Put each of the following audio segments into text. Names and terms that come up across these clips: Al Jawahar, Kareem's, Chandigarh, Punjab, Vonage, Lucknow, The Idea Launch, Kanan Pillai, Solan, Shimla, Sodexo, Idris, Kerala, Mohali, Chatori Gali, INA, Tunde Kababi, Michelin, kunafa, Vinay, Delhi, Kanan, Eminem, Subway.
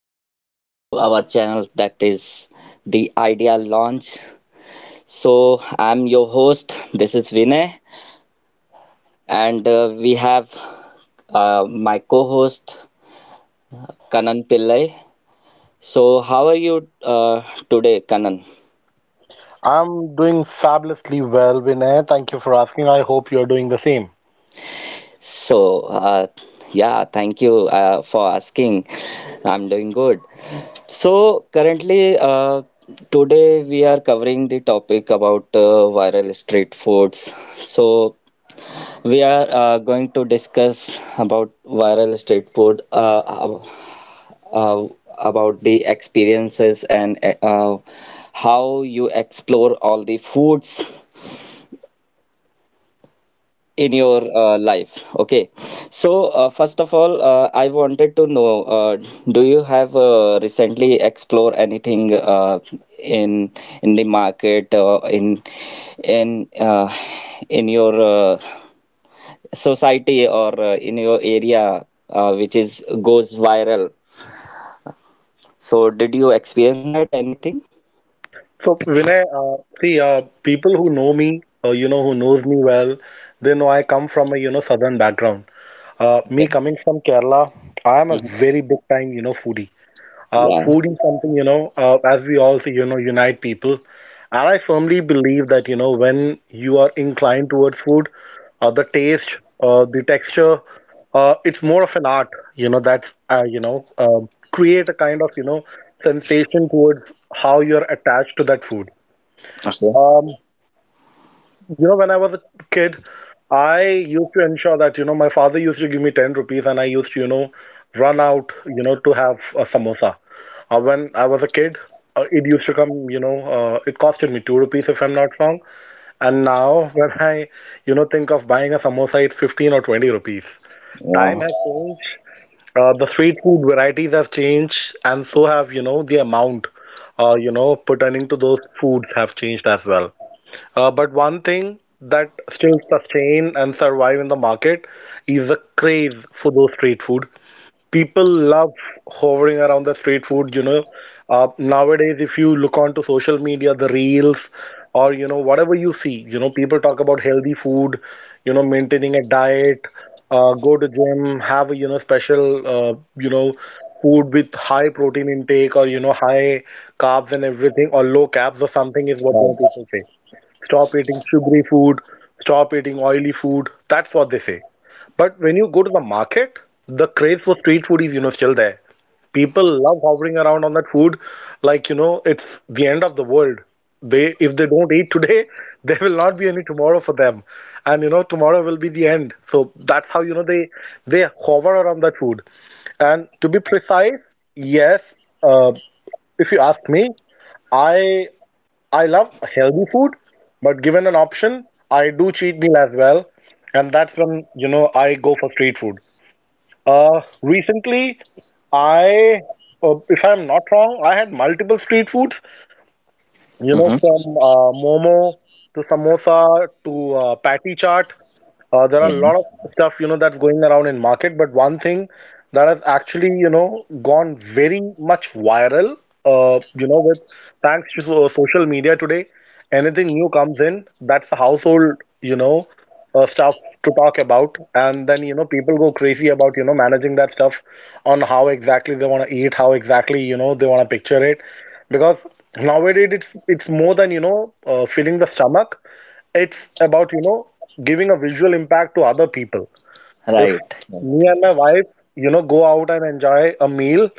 back to our channel that is The Idea Launch. So, I'm your host, this is Vinay, and we have my co host Kanan Pillai. So, how are you today, Kanan? I'm doing fabulously well, Vinay. Thank you for asking. I hope you're doing the same. So, yeah, thank you for asking. I'm doing good. So, currently, today we are covering the topic about viral street foods. So, we are going to discuss about viral street food, uh, about the experiences and how you explore all the foods in your life. Okay. So, first of all, I wanted to know, do you have recently explore anything in in the market, in uh, in your society or in your area which is goes viral? So, did you experience that anything? So, Vinay, see, people who know me, who knows me well, they know I come from a, southern background. Me Okay. coming from Kerala, I am a Hmm. very big time, foodie. Yeah. Food is something, as we all say, unite people. And I firmly believe that, when you are inclined towards food, the taste, the texture, it's more of an art, that's create a kind of, sensation towards how you're attached to that food. Okay. Um, when I was a kid, I used to ensure that, my father used to give me 10 rupees and I used to, run out, to have a samosa. When I was a kid, it used to come, it costed me 2 rupees if I'm not wrong. And now when I, think of buying a samosa, it's 15 or 20 rupees. Time Yeah. has changed, the street food varieties have changed, and so have, the amount, pertaining to those foods have changed as well. But one thing that still sustain and survive in the market is the craze for those street food. People love hovering around the street food. Nowadays if you look onto social media, the reels or whatever you see, people talk about healthy food, maintaining a diet, go to gym, have a, special food with high protein intake or high carbs and everything or low carbs or something is what Right. People say. Stop eating sugary food, stop eating oily food. That's what they say. But when you go to the market, the craze for street food is, still there. People love hovering around on that food like, it's the end of the world. If they don't eat today, there will not be any tomorrow for them. And, tomorrow will be the end. So that's how, they hover around that food. And to be precise, yes, uh, if you ask me, I I love healthy food, but given an option, I do cheat meal as well, and that's when I go for street food. Recently, I, if I'm not wrong, I had multiple street foods. Hmm. From momo to samosa to patty chaat. There are a Yeah. lot of stuff, that's going around in market, but one thing that has actually, gone very much viral, with thanks to social media today, anything new comes in, that's the household, stuff to talk about, and then, people go crazy about, managing that stuff on how exactly they want to eat, how exactly, they want to picture it, because nowadays it's more than, filling the stomach. It's about, giving a visual impact to other people. If Right. me and my wife, go out and enjoy a meal,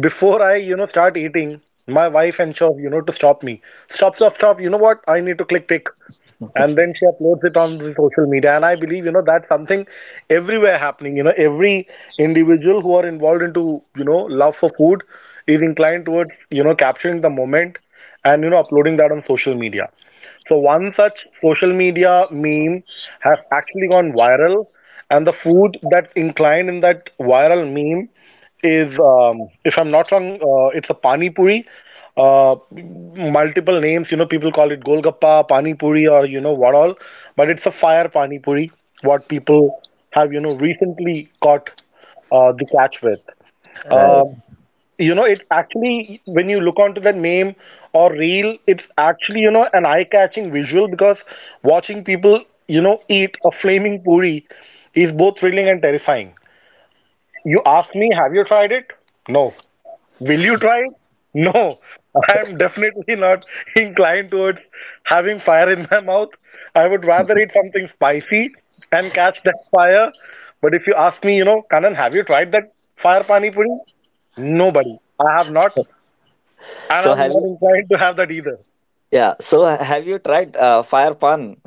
before I, start eating, my wife ensures, to stop me. Stop, stop, stop. You know what? I need to click pick. And then she uploads it on the social media. And I believe, that's something everywhere happening. Every individual who are involved into, love for food is inclined towards, capturing the moment and, uploading that on social media. So one such social media meme has actually gone viral, and the food that's inclined in that viral meme is, if I'm not wrong, it's a pani puri. Multiple names, people call it golgappa, pani puri, or what all, but it's a fire pani puri. What people have, recently caught the catch with. Um, it actually, when you look onto that meme or reel, it's actually, an eye-catching visual, because watching people eat a flaming puri is both thrilling and terrifying. You ask me, have you tried it? No. Will you try it? No. I am definitely not inclined towards having fire in my mouth. I would rather eat something spicy and catch that fire. But if you ask me, Kanan, have you tried that fire pani puri? Nobody. I have not. And So I'm have not you inclined to have that either. Yeah. So have you tried fire pan?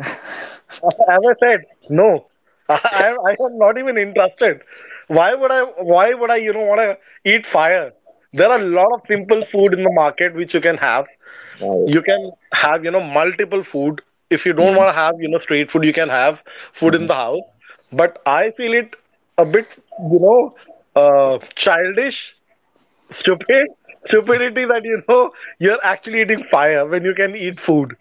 As I said, no. I am not even interested. Why would I why would I, wanna eat fire? There are a lot of simple food in the market which you can have. Right. You can have, multiple food. If you don't Mhm, want to have, street food, you can have food in mhm. the house. But I feel it a bit, you know, childish, stupid, stupidity that, you're actually eating fire when you can eat food.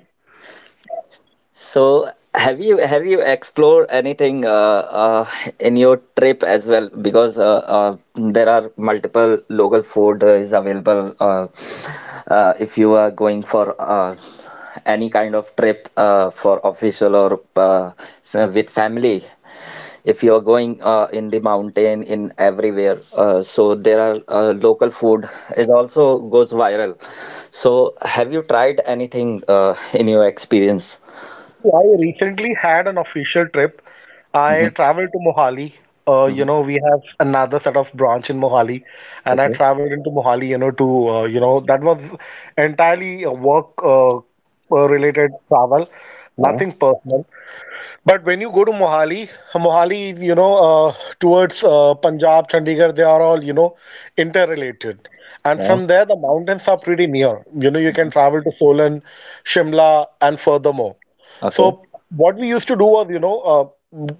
So have you explored anything in your trip as well? Because there are multiple local food is available, if you are going for any kind of trip for official or with family. If you're going in the mountain, in everywhere, so there are local food is also goes viral. So have you tried anything in your experience? I recently had an official trip. I Hmm. traveled to Mohali. Hmm. We have another set of branch in Mohali, and I Okay. traveled into Mohali, to, that was entirely a work related travel, Yeah. nothing personal. But when you go to Mohali, uh, towards Punjab, Chandigarh, they are all, interrelated. And Yeah. from there, the mountains are pretty near. You can travel to Solan, Shimla, and furthermore. Okay. So, what we used to do was,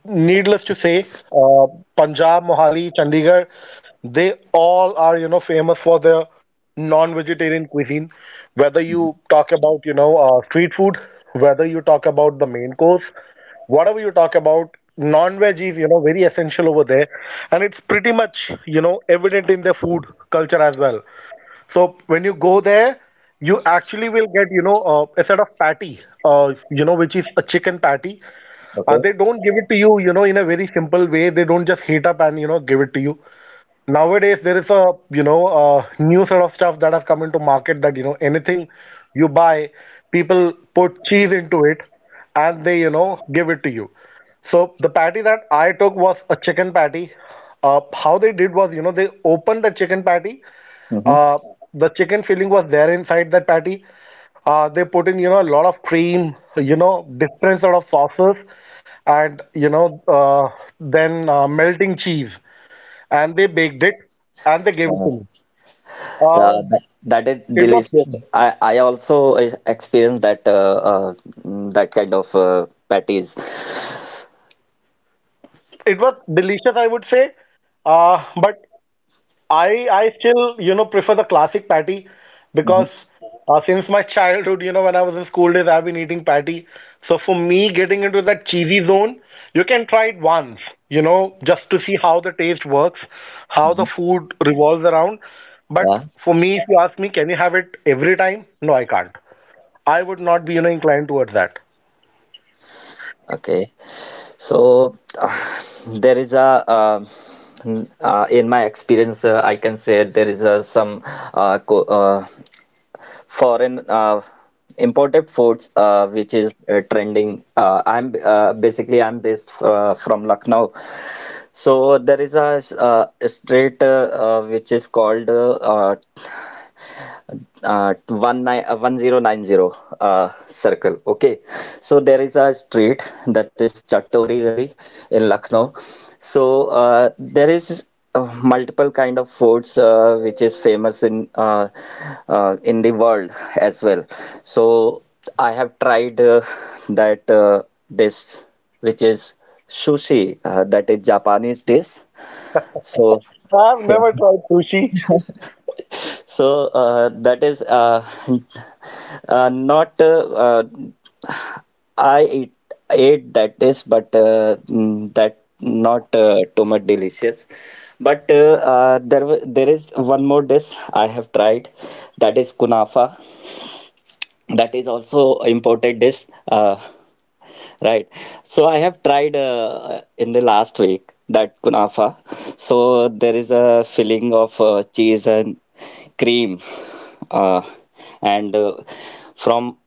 needless to say, uh, Punjab, Mohali, Chandigarh, they all are, famous for their non-vegetarian cuisine. Whether you talk about, street food, whether you talk about the main course, whatever you talk about, non-veg is very essential over there, and it's pretty much evident in their food culture as well. So when you go there, you actually will get, a set of patty, which is a chicken patty. Okay. They don't give it to you, you know in a very simple way. They don't just heat up and give it to you. Nowadays there is a, a new sort of stuff that has come into market, that, anything you buy, people put cheese into it, and they, give it to you. So the patty that I took was a chicken patty. How they did was, they opened the chicken patty. Hmm. uh, the chicken filling was there inside that patty. They put in, a lot of cream, different sort of sauces, and then melting cheese, and they baked it and they gave it Yeah. to me. Um, That is it was delicious. I also experienced that, that kind of patties. it was delicious, I would say. But I still prefer the classic patty, Hmm. because since my childhood, when I was in school days, I've been eating patty. So for me, getting into that cheesy zone, you can try it once, just to see how the taste works, how the Hmm. food revolves around. But Yeah. for me, if you ask me, can you have it every time? No, I can't. I would not be, inclined towards that. Okay. So there is a in my experience, I can say there is some co foreign imported foods which is trending. I'm basically I'm based from Lucknow, so there is a street which is called 19, 1090 circle. Okay, so there is a street that is Chatori Gali in Lucknow. So there is multiple kind of foods which is famous in the world as well. So I have tried that this which is sushi, that is Japanese dish. So I've yeah. never tried sushi. So that is not I eat, ate that dish, but that not too much delicious. But there there is one more dish I have tried, that is kunafa. That is also imported dish. Right. So I have tried in the last week that kunafa. So there is a filling of cheese and cream, uh, and from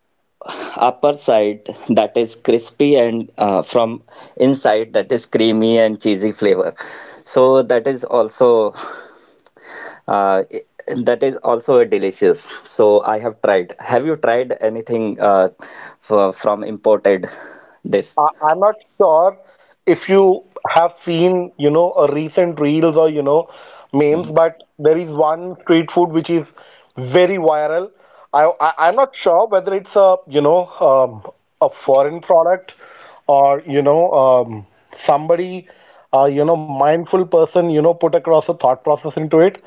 upper side that is crispy, and from inside that is creamy and cheesy flavor. So that is also uh, i- that is also a delicious. So I have tried. Have you tried anything f from imported dish? I'm not sure if you have seen, a recent reels or, memes, but there is one street food which is very viral. I'm not sure whether it's a, a foreign product or, somebody, mindful person, put across a thought process into it.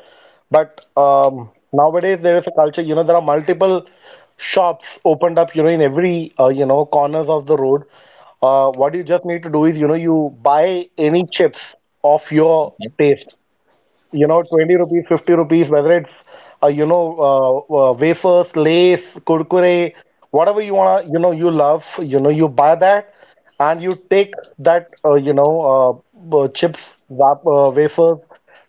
But nowadays there is a culture, there are multiple shops opened up, in every, corners of the road. What you just need to do is, you buy any chips of your taste. 20 rupees, 50 rupees, whether it's, uh, you know, wafers, lace, kurkure, whatever you wanna, you love, you buy that and you take that, chips, wafers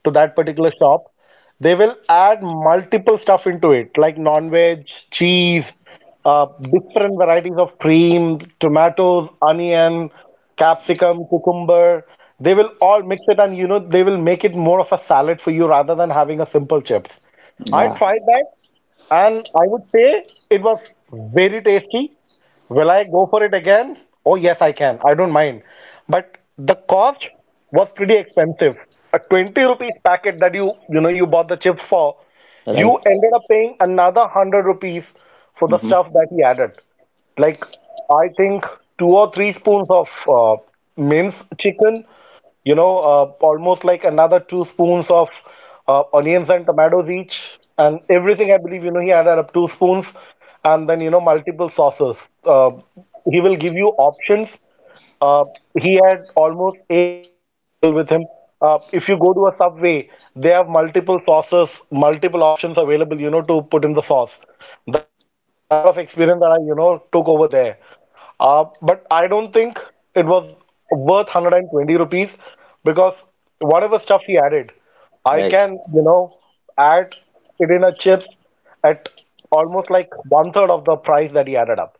to that particular shop. They will add multiple stuff into it, like non-veg, cheese, uh, different varieties of cream, tomatoes, onion, capsicum, cucumber. They will all mix it, and they will make it more of a salad for you rather than having a simple chips. I Yeah. tried that and I would say it was very tasty. Will I go for it again? Oh, yes, I can. I don't mind. But the cost was pretty expensive. A 20 rupees packet that you bought the chips for, you Right. ended up paying another 100 rupees for the Hmm. stuff that he added. Like, I think two or three spoons of minced chicken, you know, almost like another two spoons of onions and tomatoes each. And everything, I believe, you know, he added up two spoons and then, you know, multiple sauces. Uh, he will give you options. Uh, he had almost eight sauces available with him. If you go to a Subway, they have multiple sauces, multiple options available, you know, to put in the sauce. That was a similar sort of experience that I took over there. But I don't think it was worth 120 rupees because whatever stuff he added, I Right. can, you know, add it in a chips at almost like one third of the price that he added up.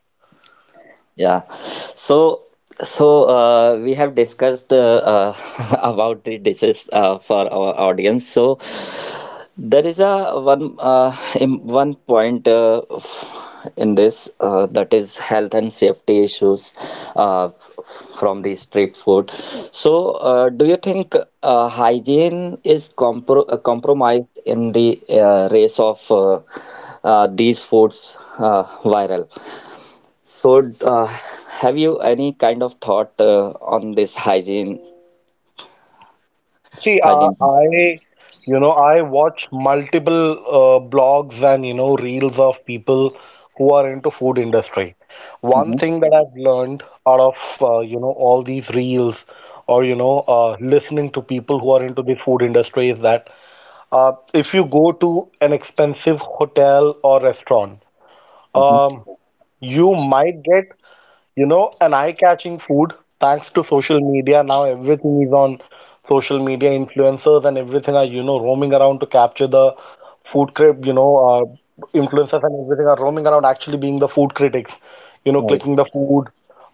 Yeah. So, so we have discussed about the dishes for our audience. So there is a one in one point in this, that is health and safety issues from the street food. So do you think hygiene is compromised in the race of these foods viral? So, have you any kind of thought on this hygiene? See, Hygiene. You know, I watch multiple blogs and, you know, reels of people who are into food industry. One Hmm. thing that I've learned out of, you know, all these reels or, you know, listening to people who are into the food industry is that if you go to an expensive hotel or restaurant, um, you might get, you know, an eye-catching food. Thanks to social media, now everything is on social media, influencers and everything are, you know, roaming around to capture the food crib, you know, influencers and everything are roaming around actually being the food critics, you know, Right. clicking the food,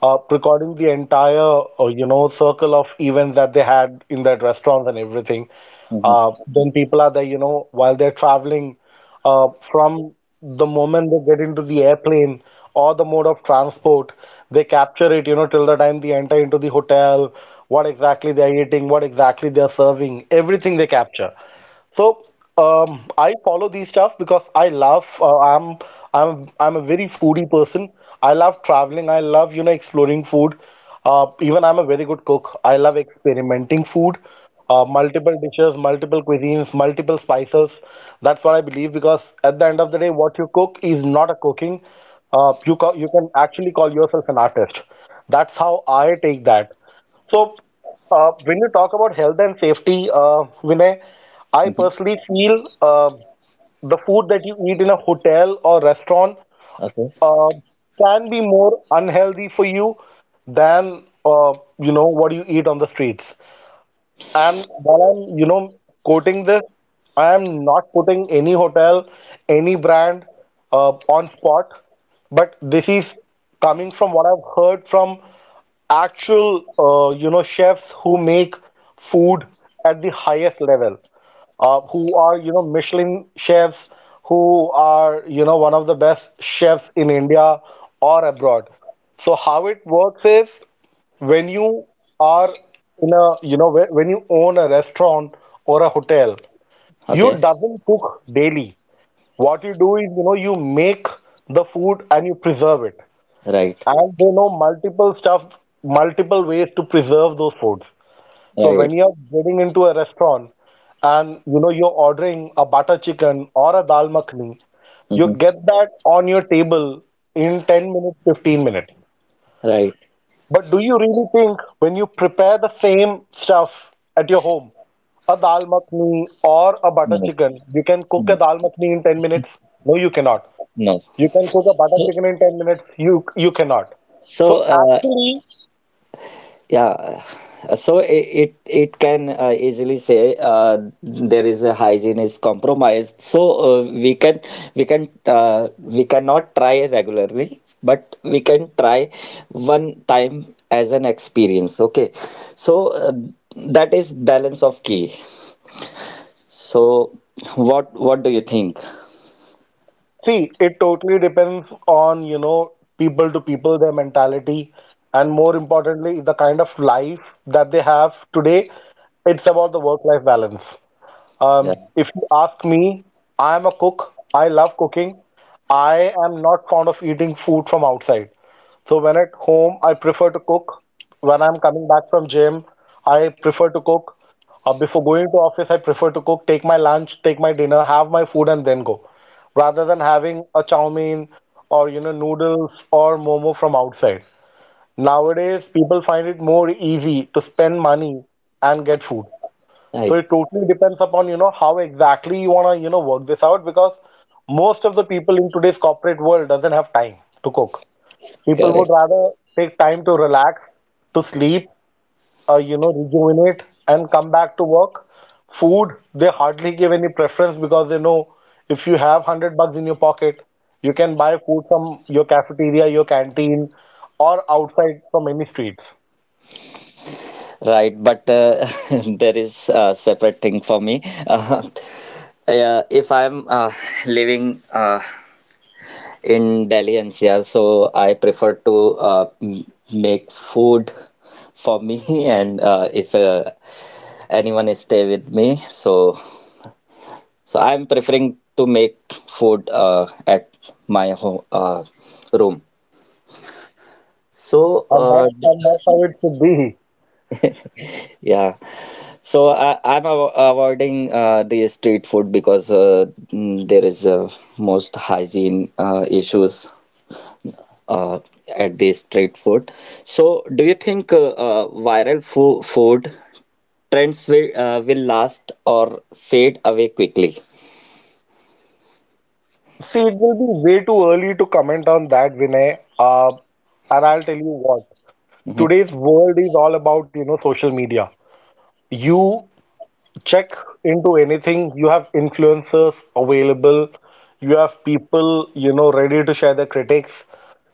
recording the entire, you know, circle of events that they had in that restaurants and everything. Hmm. Hmm. Then people are there, you know, while they're traveling from the moment they get into the airplane or the mode of transport, they capture it, you know, till the time they enter into the hotel, what exactly they're eating, what exactly they're serving, everything they capture. So I follow these stuff because I love. I'm a very foodie person. I love traveling. I love, you know, exploring food. Even I'm a very good cook. I love experimenting food, multiple dishes, multiple cuisines, multiple spices. That's what I believe, because at the end of the day, what you cook is not a cooking. You can actually call yourself an artist. That's how I take that. So, when you talk about health and safety, Vinay, I personally feel the food that you eat in a hotel or restaurant Okay. uh, can be more unhealthy for you than, you know, what you eat on the streets. And while I'm, you know, quoting this, I am not putting any hotel, any brand on spot, but this is coming from what I've heard from actual, you know, chefs who make food at the highest level, who are, you know, Michelin chefs, who are, you know, one of the best chefs in India or abroad. So how it works is, when you are in a, you know, when you own a restaurant or a hotel, you Okay. doesn't cook daily. What you do is, you know, you make the food and you preserve it, Right. and they know multiple stuff, multiple ways to preserve those foods. So when Right. you are getting into a restaurant and, you know, you're ordering a butter chicken or a dal makhani, you Hmm. get that on your table in 10 minutes, 15 minutes. Right. But do you really think when you prepare the same stuff at your home, a dal makhni or a butter No. chicken, you can cook a No. dal makhni in 10 minutes? No, you cannot. No. You can cook a butter So, chicken in 10 minutes? You cannot. so So uh, actually, Yeah, so it can easily say there is a hygiene is compromised. So we cannot try regularly, but we can try one time as an experience. Okay, so that is balance of key. So what do you think? see, it totally depends on, you know, people to people, their mentality, and more importantly, the kind of life that they have today. It's about the work-life balance. Yeah, If you ask me, I am a cook. I love cooking. I am not fond of eating food from outside. So when at home, I prefer to cook. When I'm coming back from gym, I prefer to cook. Before going to office, I prefer to cook, take my lunch, take my dinner, have my food, and then go, rather than having a chow mein or, you know, noodles or momo from outside. Nowadays, people find it more easy to spend money and get food. So right, it totally depends upon, you know, how exactly you want to, you know, work this out, because most of the people in today's corporate world doesn't have time to cook. People would correct. rather take time to relax, to sleep, you know, rejuvenate and come back to work. Food, they hardly give any preference, because they know if you have 100 bucks in your pocket, you can buy food from your cafeteria, your canteen, or outside from any streets. Right, but there is a separate thing for me. Yeah, if I'm living in Delhi NCR, so I prefer to uh, m- make food for me, and if anyone is stay with me, so so I'm preferring to make food at my home room. So And that's how it should be. Yeah. So I, I'm av avoiding the street food because there is most hygiene issues uh, at the street food. So do you think viral fo food trends will will last or fade away quickly? See, it will be way too early to comment on that, Vinay. And I'll tell you what. Mhm. Today's world is all about, you know, social media. You check into anything, you have influencers available, you have people, you know, ready to share their critics.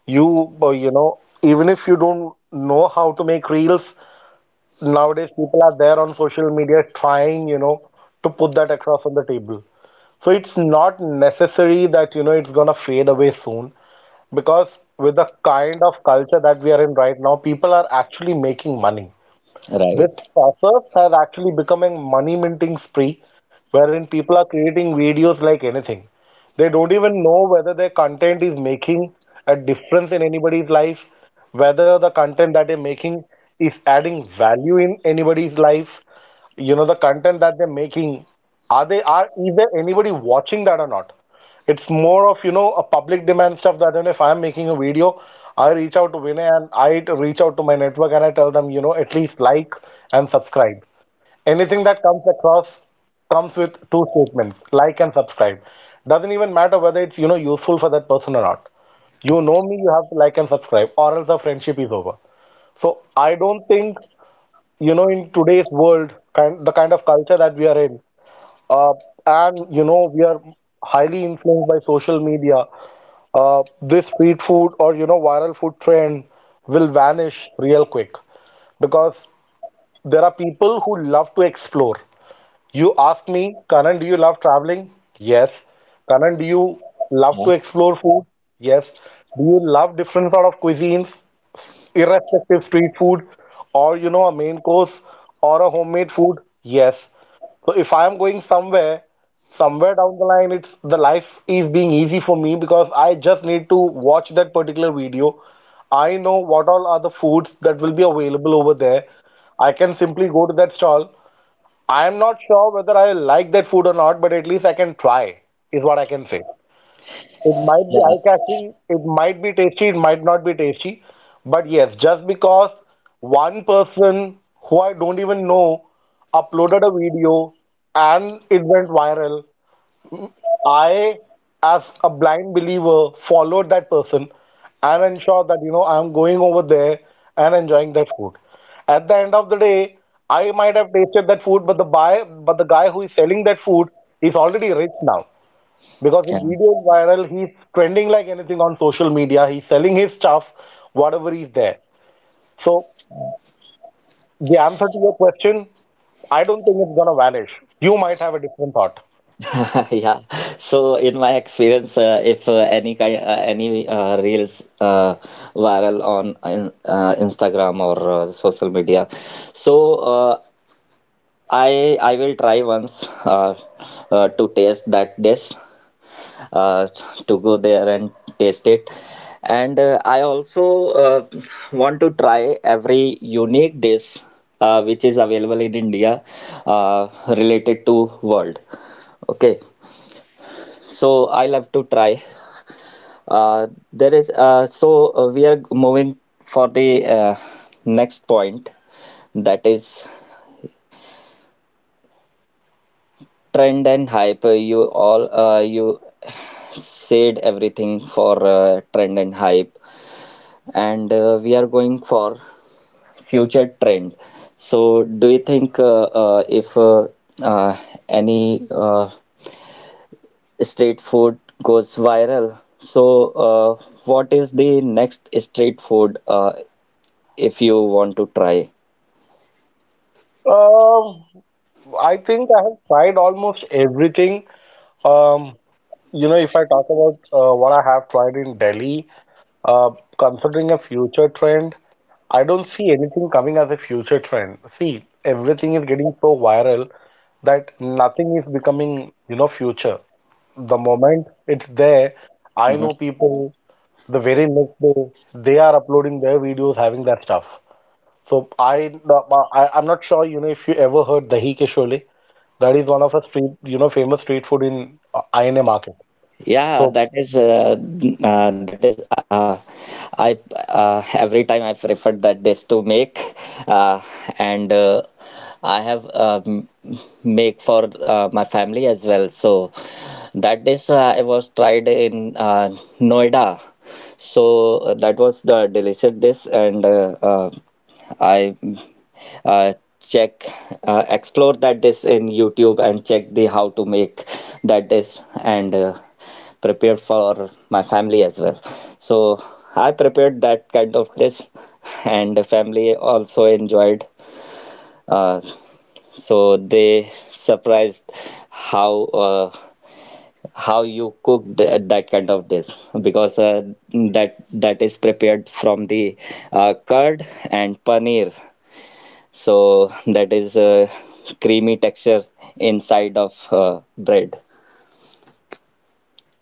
You know, even if you don't know how to make reels, nowadays people are there on social media trying, you know, to put that across on the table. So it's not necessary that, you know, it's gonna fade away soon. Because with the kind of culture that we are in right now, people are actually making money. This Right. process has actually become a money minting spree, wherein people are creating videos like anything. They don't even know whether their content is making a difference in anybody's life, whether the content that they're making is adding value in anybody's life. You know, the content that they're making, are they are is there anybody watching that or not? It's more of, you know, a public demand stuff that, you know, if I'm making a video, I reach out to Vinay and I reach out to my network and I tell them, you know, at least like and subscribe. Anything that comes across comes with two statements, like and subscribe. Doesn't even matter whether it's, you know, useful for that person or not. You know me, you have to like and subscribe, or else the friendship is over. So I don't think, you know, in today's world, kind of culture that we are in, uh, and, you know, we are highly influenced by social media, this street food, or, you know, viral food trend will vanish real quick, because there are people who love to explore. You ask me, Kanan, do you love traveling? Yes. Kanan, do you love Yeah. to explore food? Yes. Do you love different sort of cuisines? Irrespective street food or, you know, a main course or a homemade food, yes. So if I am going somewhere, somewhere down the line, it's the life is being easy for me, because I just need to watch that particular video. I know what all are the foods that will be available over there. I can simply go to that stall. I am not sure whether I like that food or not, but at least I can try is what I can say. It might be Yeah. eye-catching, it might be tasty, it might not be tasty. But yes, just because one person who I don't even know uploaded a video and it went viral, I, as a blind believer, followed that person and ensured that, you know, I'm going over there and enjoying that food. At the end of the day, I might have tasted that food, but but the guy who is selling that food is already rich now. Because his Yeah. video is viral, he's trending like anything on social media. He's selling his stuff, whatever is there. So the answer to your question, I don't think it's gonna vanish. You might have a different thought. Yeah. So in my experience, if any any reels viral on in, Instagram or social media, so uh, I will try once, to taste that dish, uh, to go there and taste it, and I also want to try every unique dish which is available in India related to world. Okay, so I love to try. There is so we are moving for the next point that is trend and hype. You said everything for trend and hype, and we are going for future trend. So do you think if uh, any street food goes viral? So, what is the next street food? If you want to try. Um, I think I have tried almost everything. Um, you know, if I talk about what I have tried in Delhi, uh, considering a future trend, I don't see anything coming as a future trend. See, everything is getting so viral that nothing is becoming, you know, future. The moment it's there, I Hmm. know people the very next day they are uploading their videos having that stuff. So I, the, I I'm not sure, you know, if you ever heard dahi ke shole. That is one of a street, you know, famous street food in INA market. Yeah, So that is I every time I prefer that dish to make, uh, and I have make for my family as well. So that dish I was tried in Noida. So that was the delicious dish, and I uh, check explore that dish in YouTube and check the how to make that dish and prepare for my family as well. So I prepared that kind of dish, and the family also enjoyed. Uh, so they surprised how uh, how you cook th that kind of dish, because that that is prepared from the curd and paneer, so that is a creamy texture inside of bread.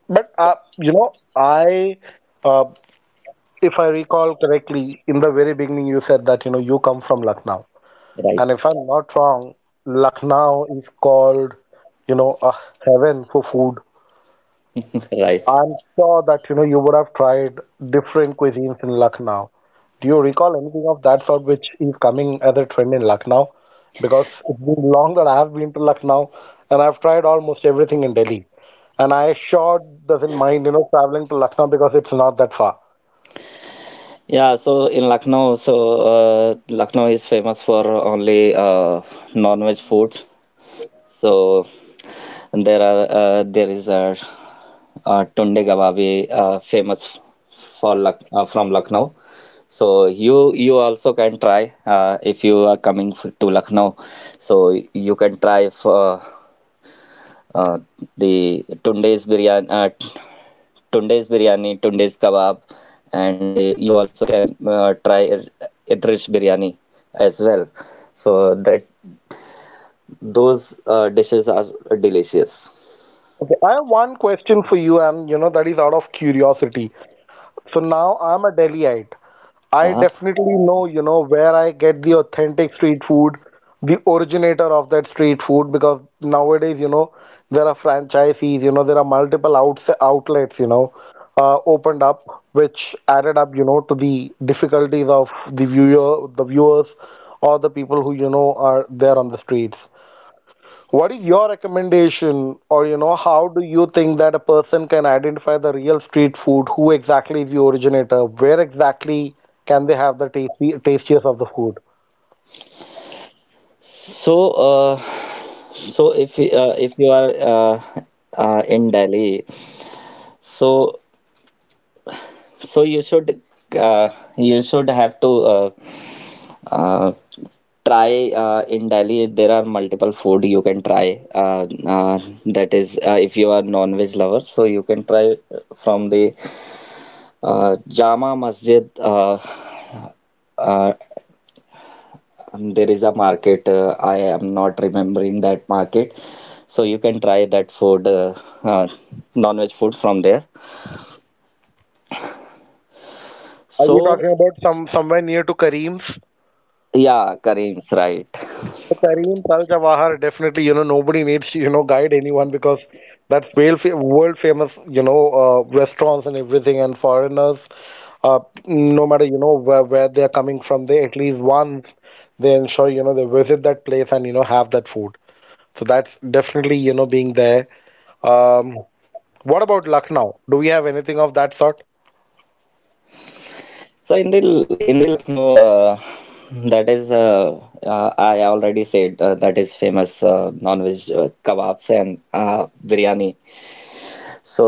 but you know I uh, if I recall correctly, in the very beginning you said that, you know, you come from Lucknow, Right. and if I'm not wrong, Lucknow is called, you know, a heaven for food. Right. I'm sure that, you know, you would have tried different cuisines in Lucknow. Do you recall anything of that sort which is coming as a trend in Lucknow? Because it's been long that I have been to Lucknow, and I've tried almost everything in Delhi. And I sure doesn't mind, you know, traveling to Lucknow because it's not that far. Yeah, so in Lucknow, so Lucknow is famous for only non-veg foods. So there are there is a, tunde kababi famous for Luck from Lucknow. So you also can try, if you are coming to Lucknow. So you can try for, uh, the tundes biryani, tundes kebab, and you also can try Idris biryani as well. So that those dishes are delicious. Okay, I have one question for you, and you know that is out of curiosity. So now I'm a Delhiite. I Uh-huh. definitely know, you know, where I get the authentic street food, the originator of that street food, because nowadays, you know, there are franchisees, you know, there are multiple outs outlets, you know, opened up, which added up, you know, to the difficulties of the viewer, the viewers, or the people who, you know, are there on the streets. What is your recommendation, or, you know, how do you think that a person can identify the real street food? Who exactly is the originator? Where exactly can they have the tasty, tastiest of the food? So, so if if you are uh, in Delhi, so so uh, you should have to. Uh, try in Delhi. There are multiple food you can try. That is, if you are non-veg lover, so you can try from the Jama Masjid. Uh, there is a market. I am not remembering that market. So you can try that food, uh, non-veg food from there. Are you So talking about somewhere near to Kareem's? yeah, Kareem's right. So Kareem's Al Jawahar, definitely, you know, nobody needs to, you know, guide anyone because that's world, fa world famous, you know, restaurants and everything, and foreigners, uh, no matter, you know, where they are coming from, they at least once they ensure, you know, they visit that place and, you know, have that food. So that's definitely, you know, being there. Um, what about Lucknow? Do we have anything of that sort? So in the Lucknow, that is I already said that is famous non-veg kebabs and biryani. So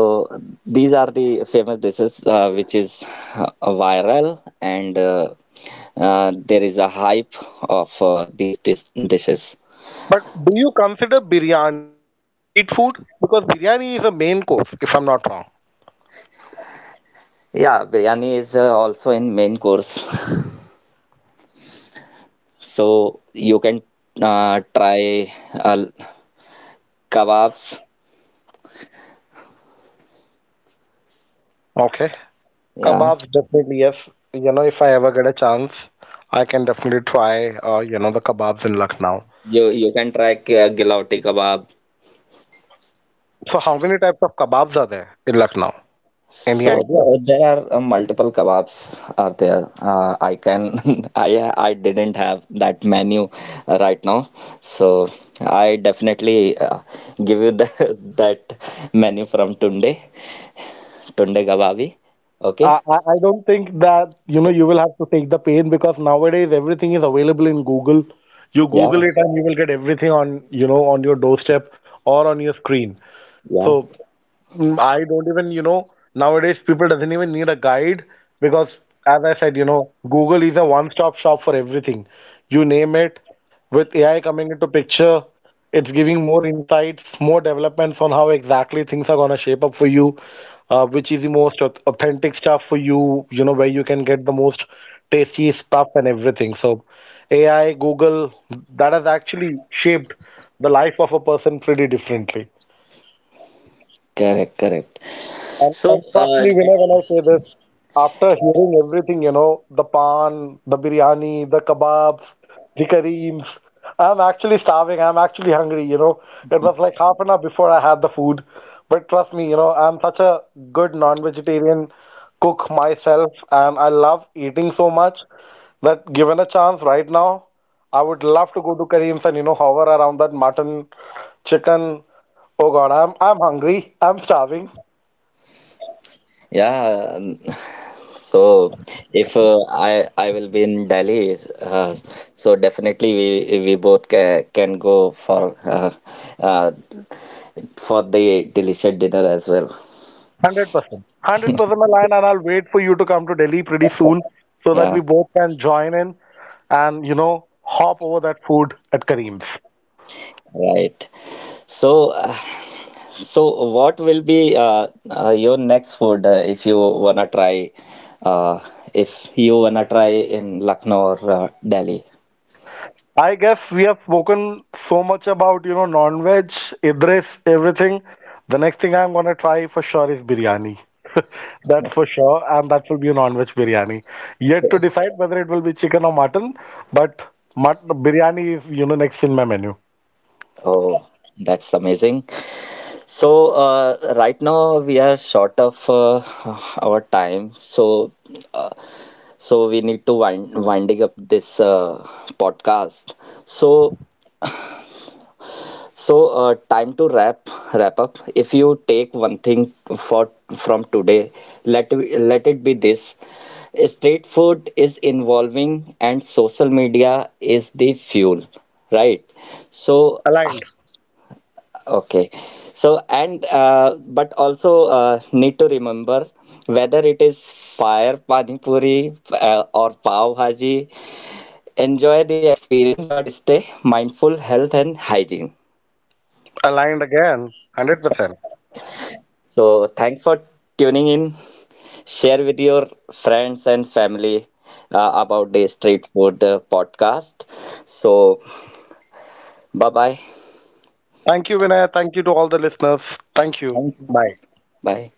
these are the famous dishes which is viral, and there is a hype of these dishes. But do you consider biryani in a street food? Because biryani is a main course, if I'm not wrong. Yeah, biryani is also in main course, so you can try kebabs. Okay. Yeah. Kebabs, definitely, yes. You know, if I ever get a chance, I can definitely try, you know, the kebabs in Lucknow. You can try gilauti kebab. So how many types of kebabs are there in Lucknow? Any So idea? There are multiple kebabs are there. I can I didn't have that menu right now, so I definitely give you the, that menu from Tunde Kababi. Okay. I don't think that, you know, you will have to take the pain because nowadays everything is available in Google. You Yeah, Google it and you will get everything on, you know, on your doorstep or on your screen. yeah, So. Mm, I don't even, you know, nowadays people doesn't even need a guide because, as I said, you know, Google is a one-stop shop for everything. You name it, with AI coming into picture, it's giving more insights, more developments on how exactly things are gonna shape up for you, which is the most authentic stuff for you, you know, where you can get the most tasty stuff and everything. So AI, Google, that has actually shaped the life of a person pretty differently. correct, correct. And, So, and trust me, Vinay, when I say this, after hearing everything, you know, the pan, the biryani, the kebabs, the kareems, I'm actually starving. I'm actually hungry, you know. It was like half an hour before I had the food. But trust me, you know, I'm such a good non-vegetarian cook myself, and I love eating so much that, given a chance right now, I would love to go to Kareem's and, you know, hover around that mutton, chicken. Oh God, I'm hungry. I'm starving. yeah. So, if I will be in Delhi, so definitely we both ca can go uh, for the delicious dinner as well. 100%. 100%, line, and I'll wait for you to come to Delhi pretty soon so that Yeah, we both can join in and, you know, hop over that food at Kareem's. right. So, so what will be your next food, uh, if you wanna try in Lucknow or Delhi? I guess we have spoken so much about, you know, non-veg, Idris, everything. The next thing I'm gonna try for sure is biryani. That's for sure, and that will be a non-veg biryani. Yet to decide whether it will be chicken or mutton, but mut biryani is, you know, next in my menu. Oh, that's amazing. So, right now we are short of our time. So, uh, so we need to winding up this podcast. So, so time to wrap up. If you take one thing for from today, let it be this. Street food is involving and social media is the fuel, right? So. Aligned. Okay. So, and but also need to remember whether it is fire pani puri or pav bhaji, enjoy the experience but stay mindful health and hygiene. Aligned again, 100%. So, thanks for tuning in. Share with your friends and family about the street food podcast. So, bye bye. Thank you, Vinay. Thank you to all the listeners. Thank you. Thank you. Bye. Bye.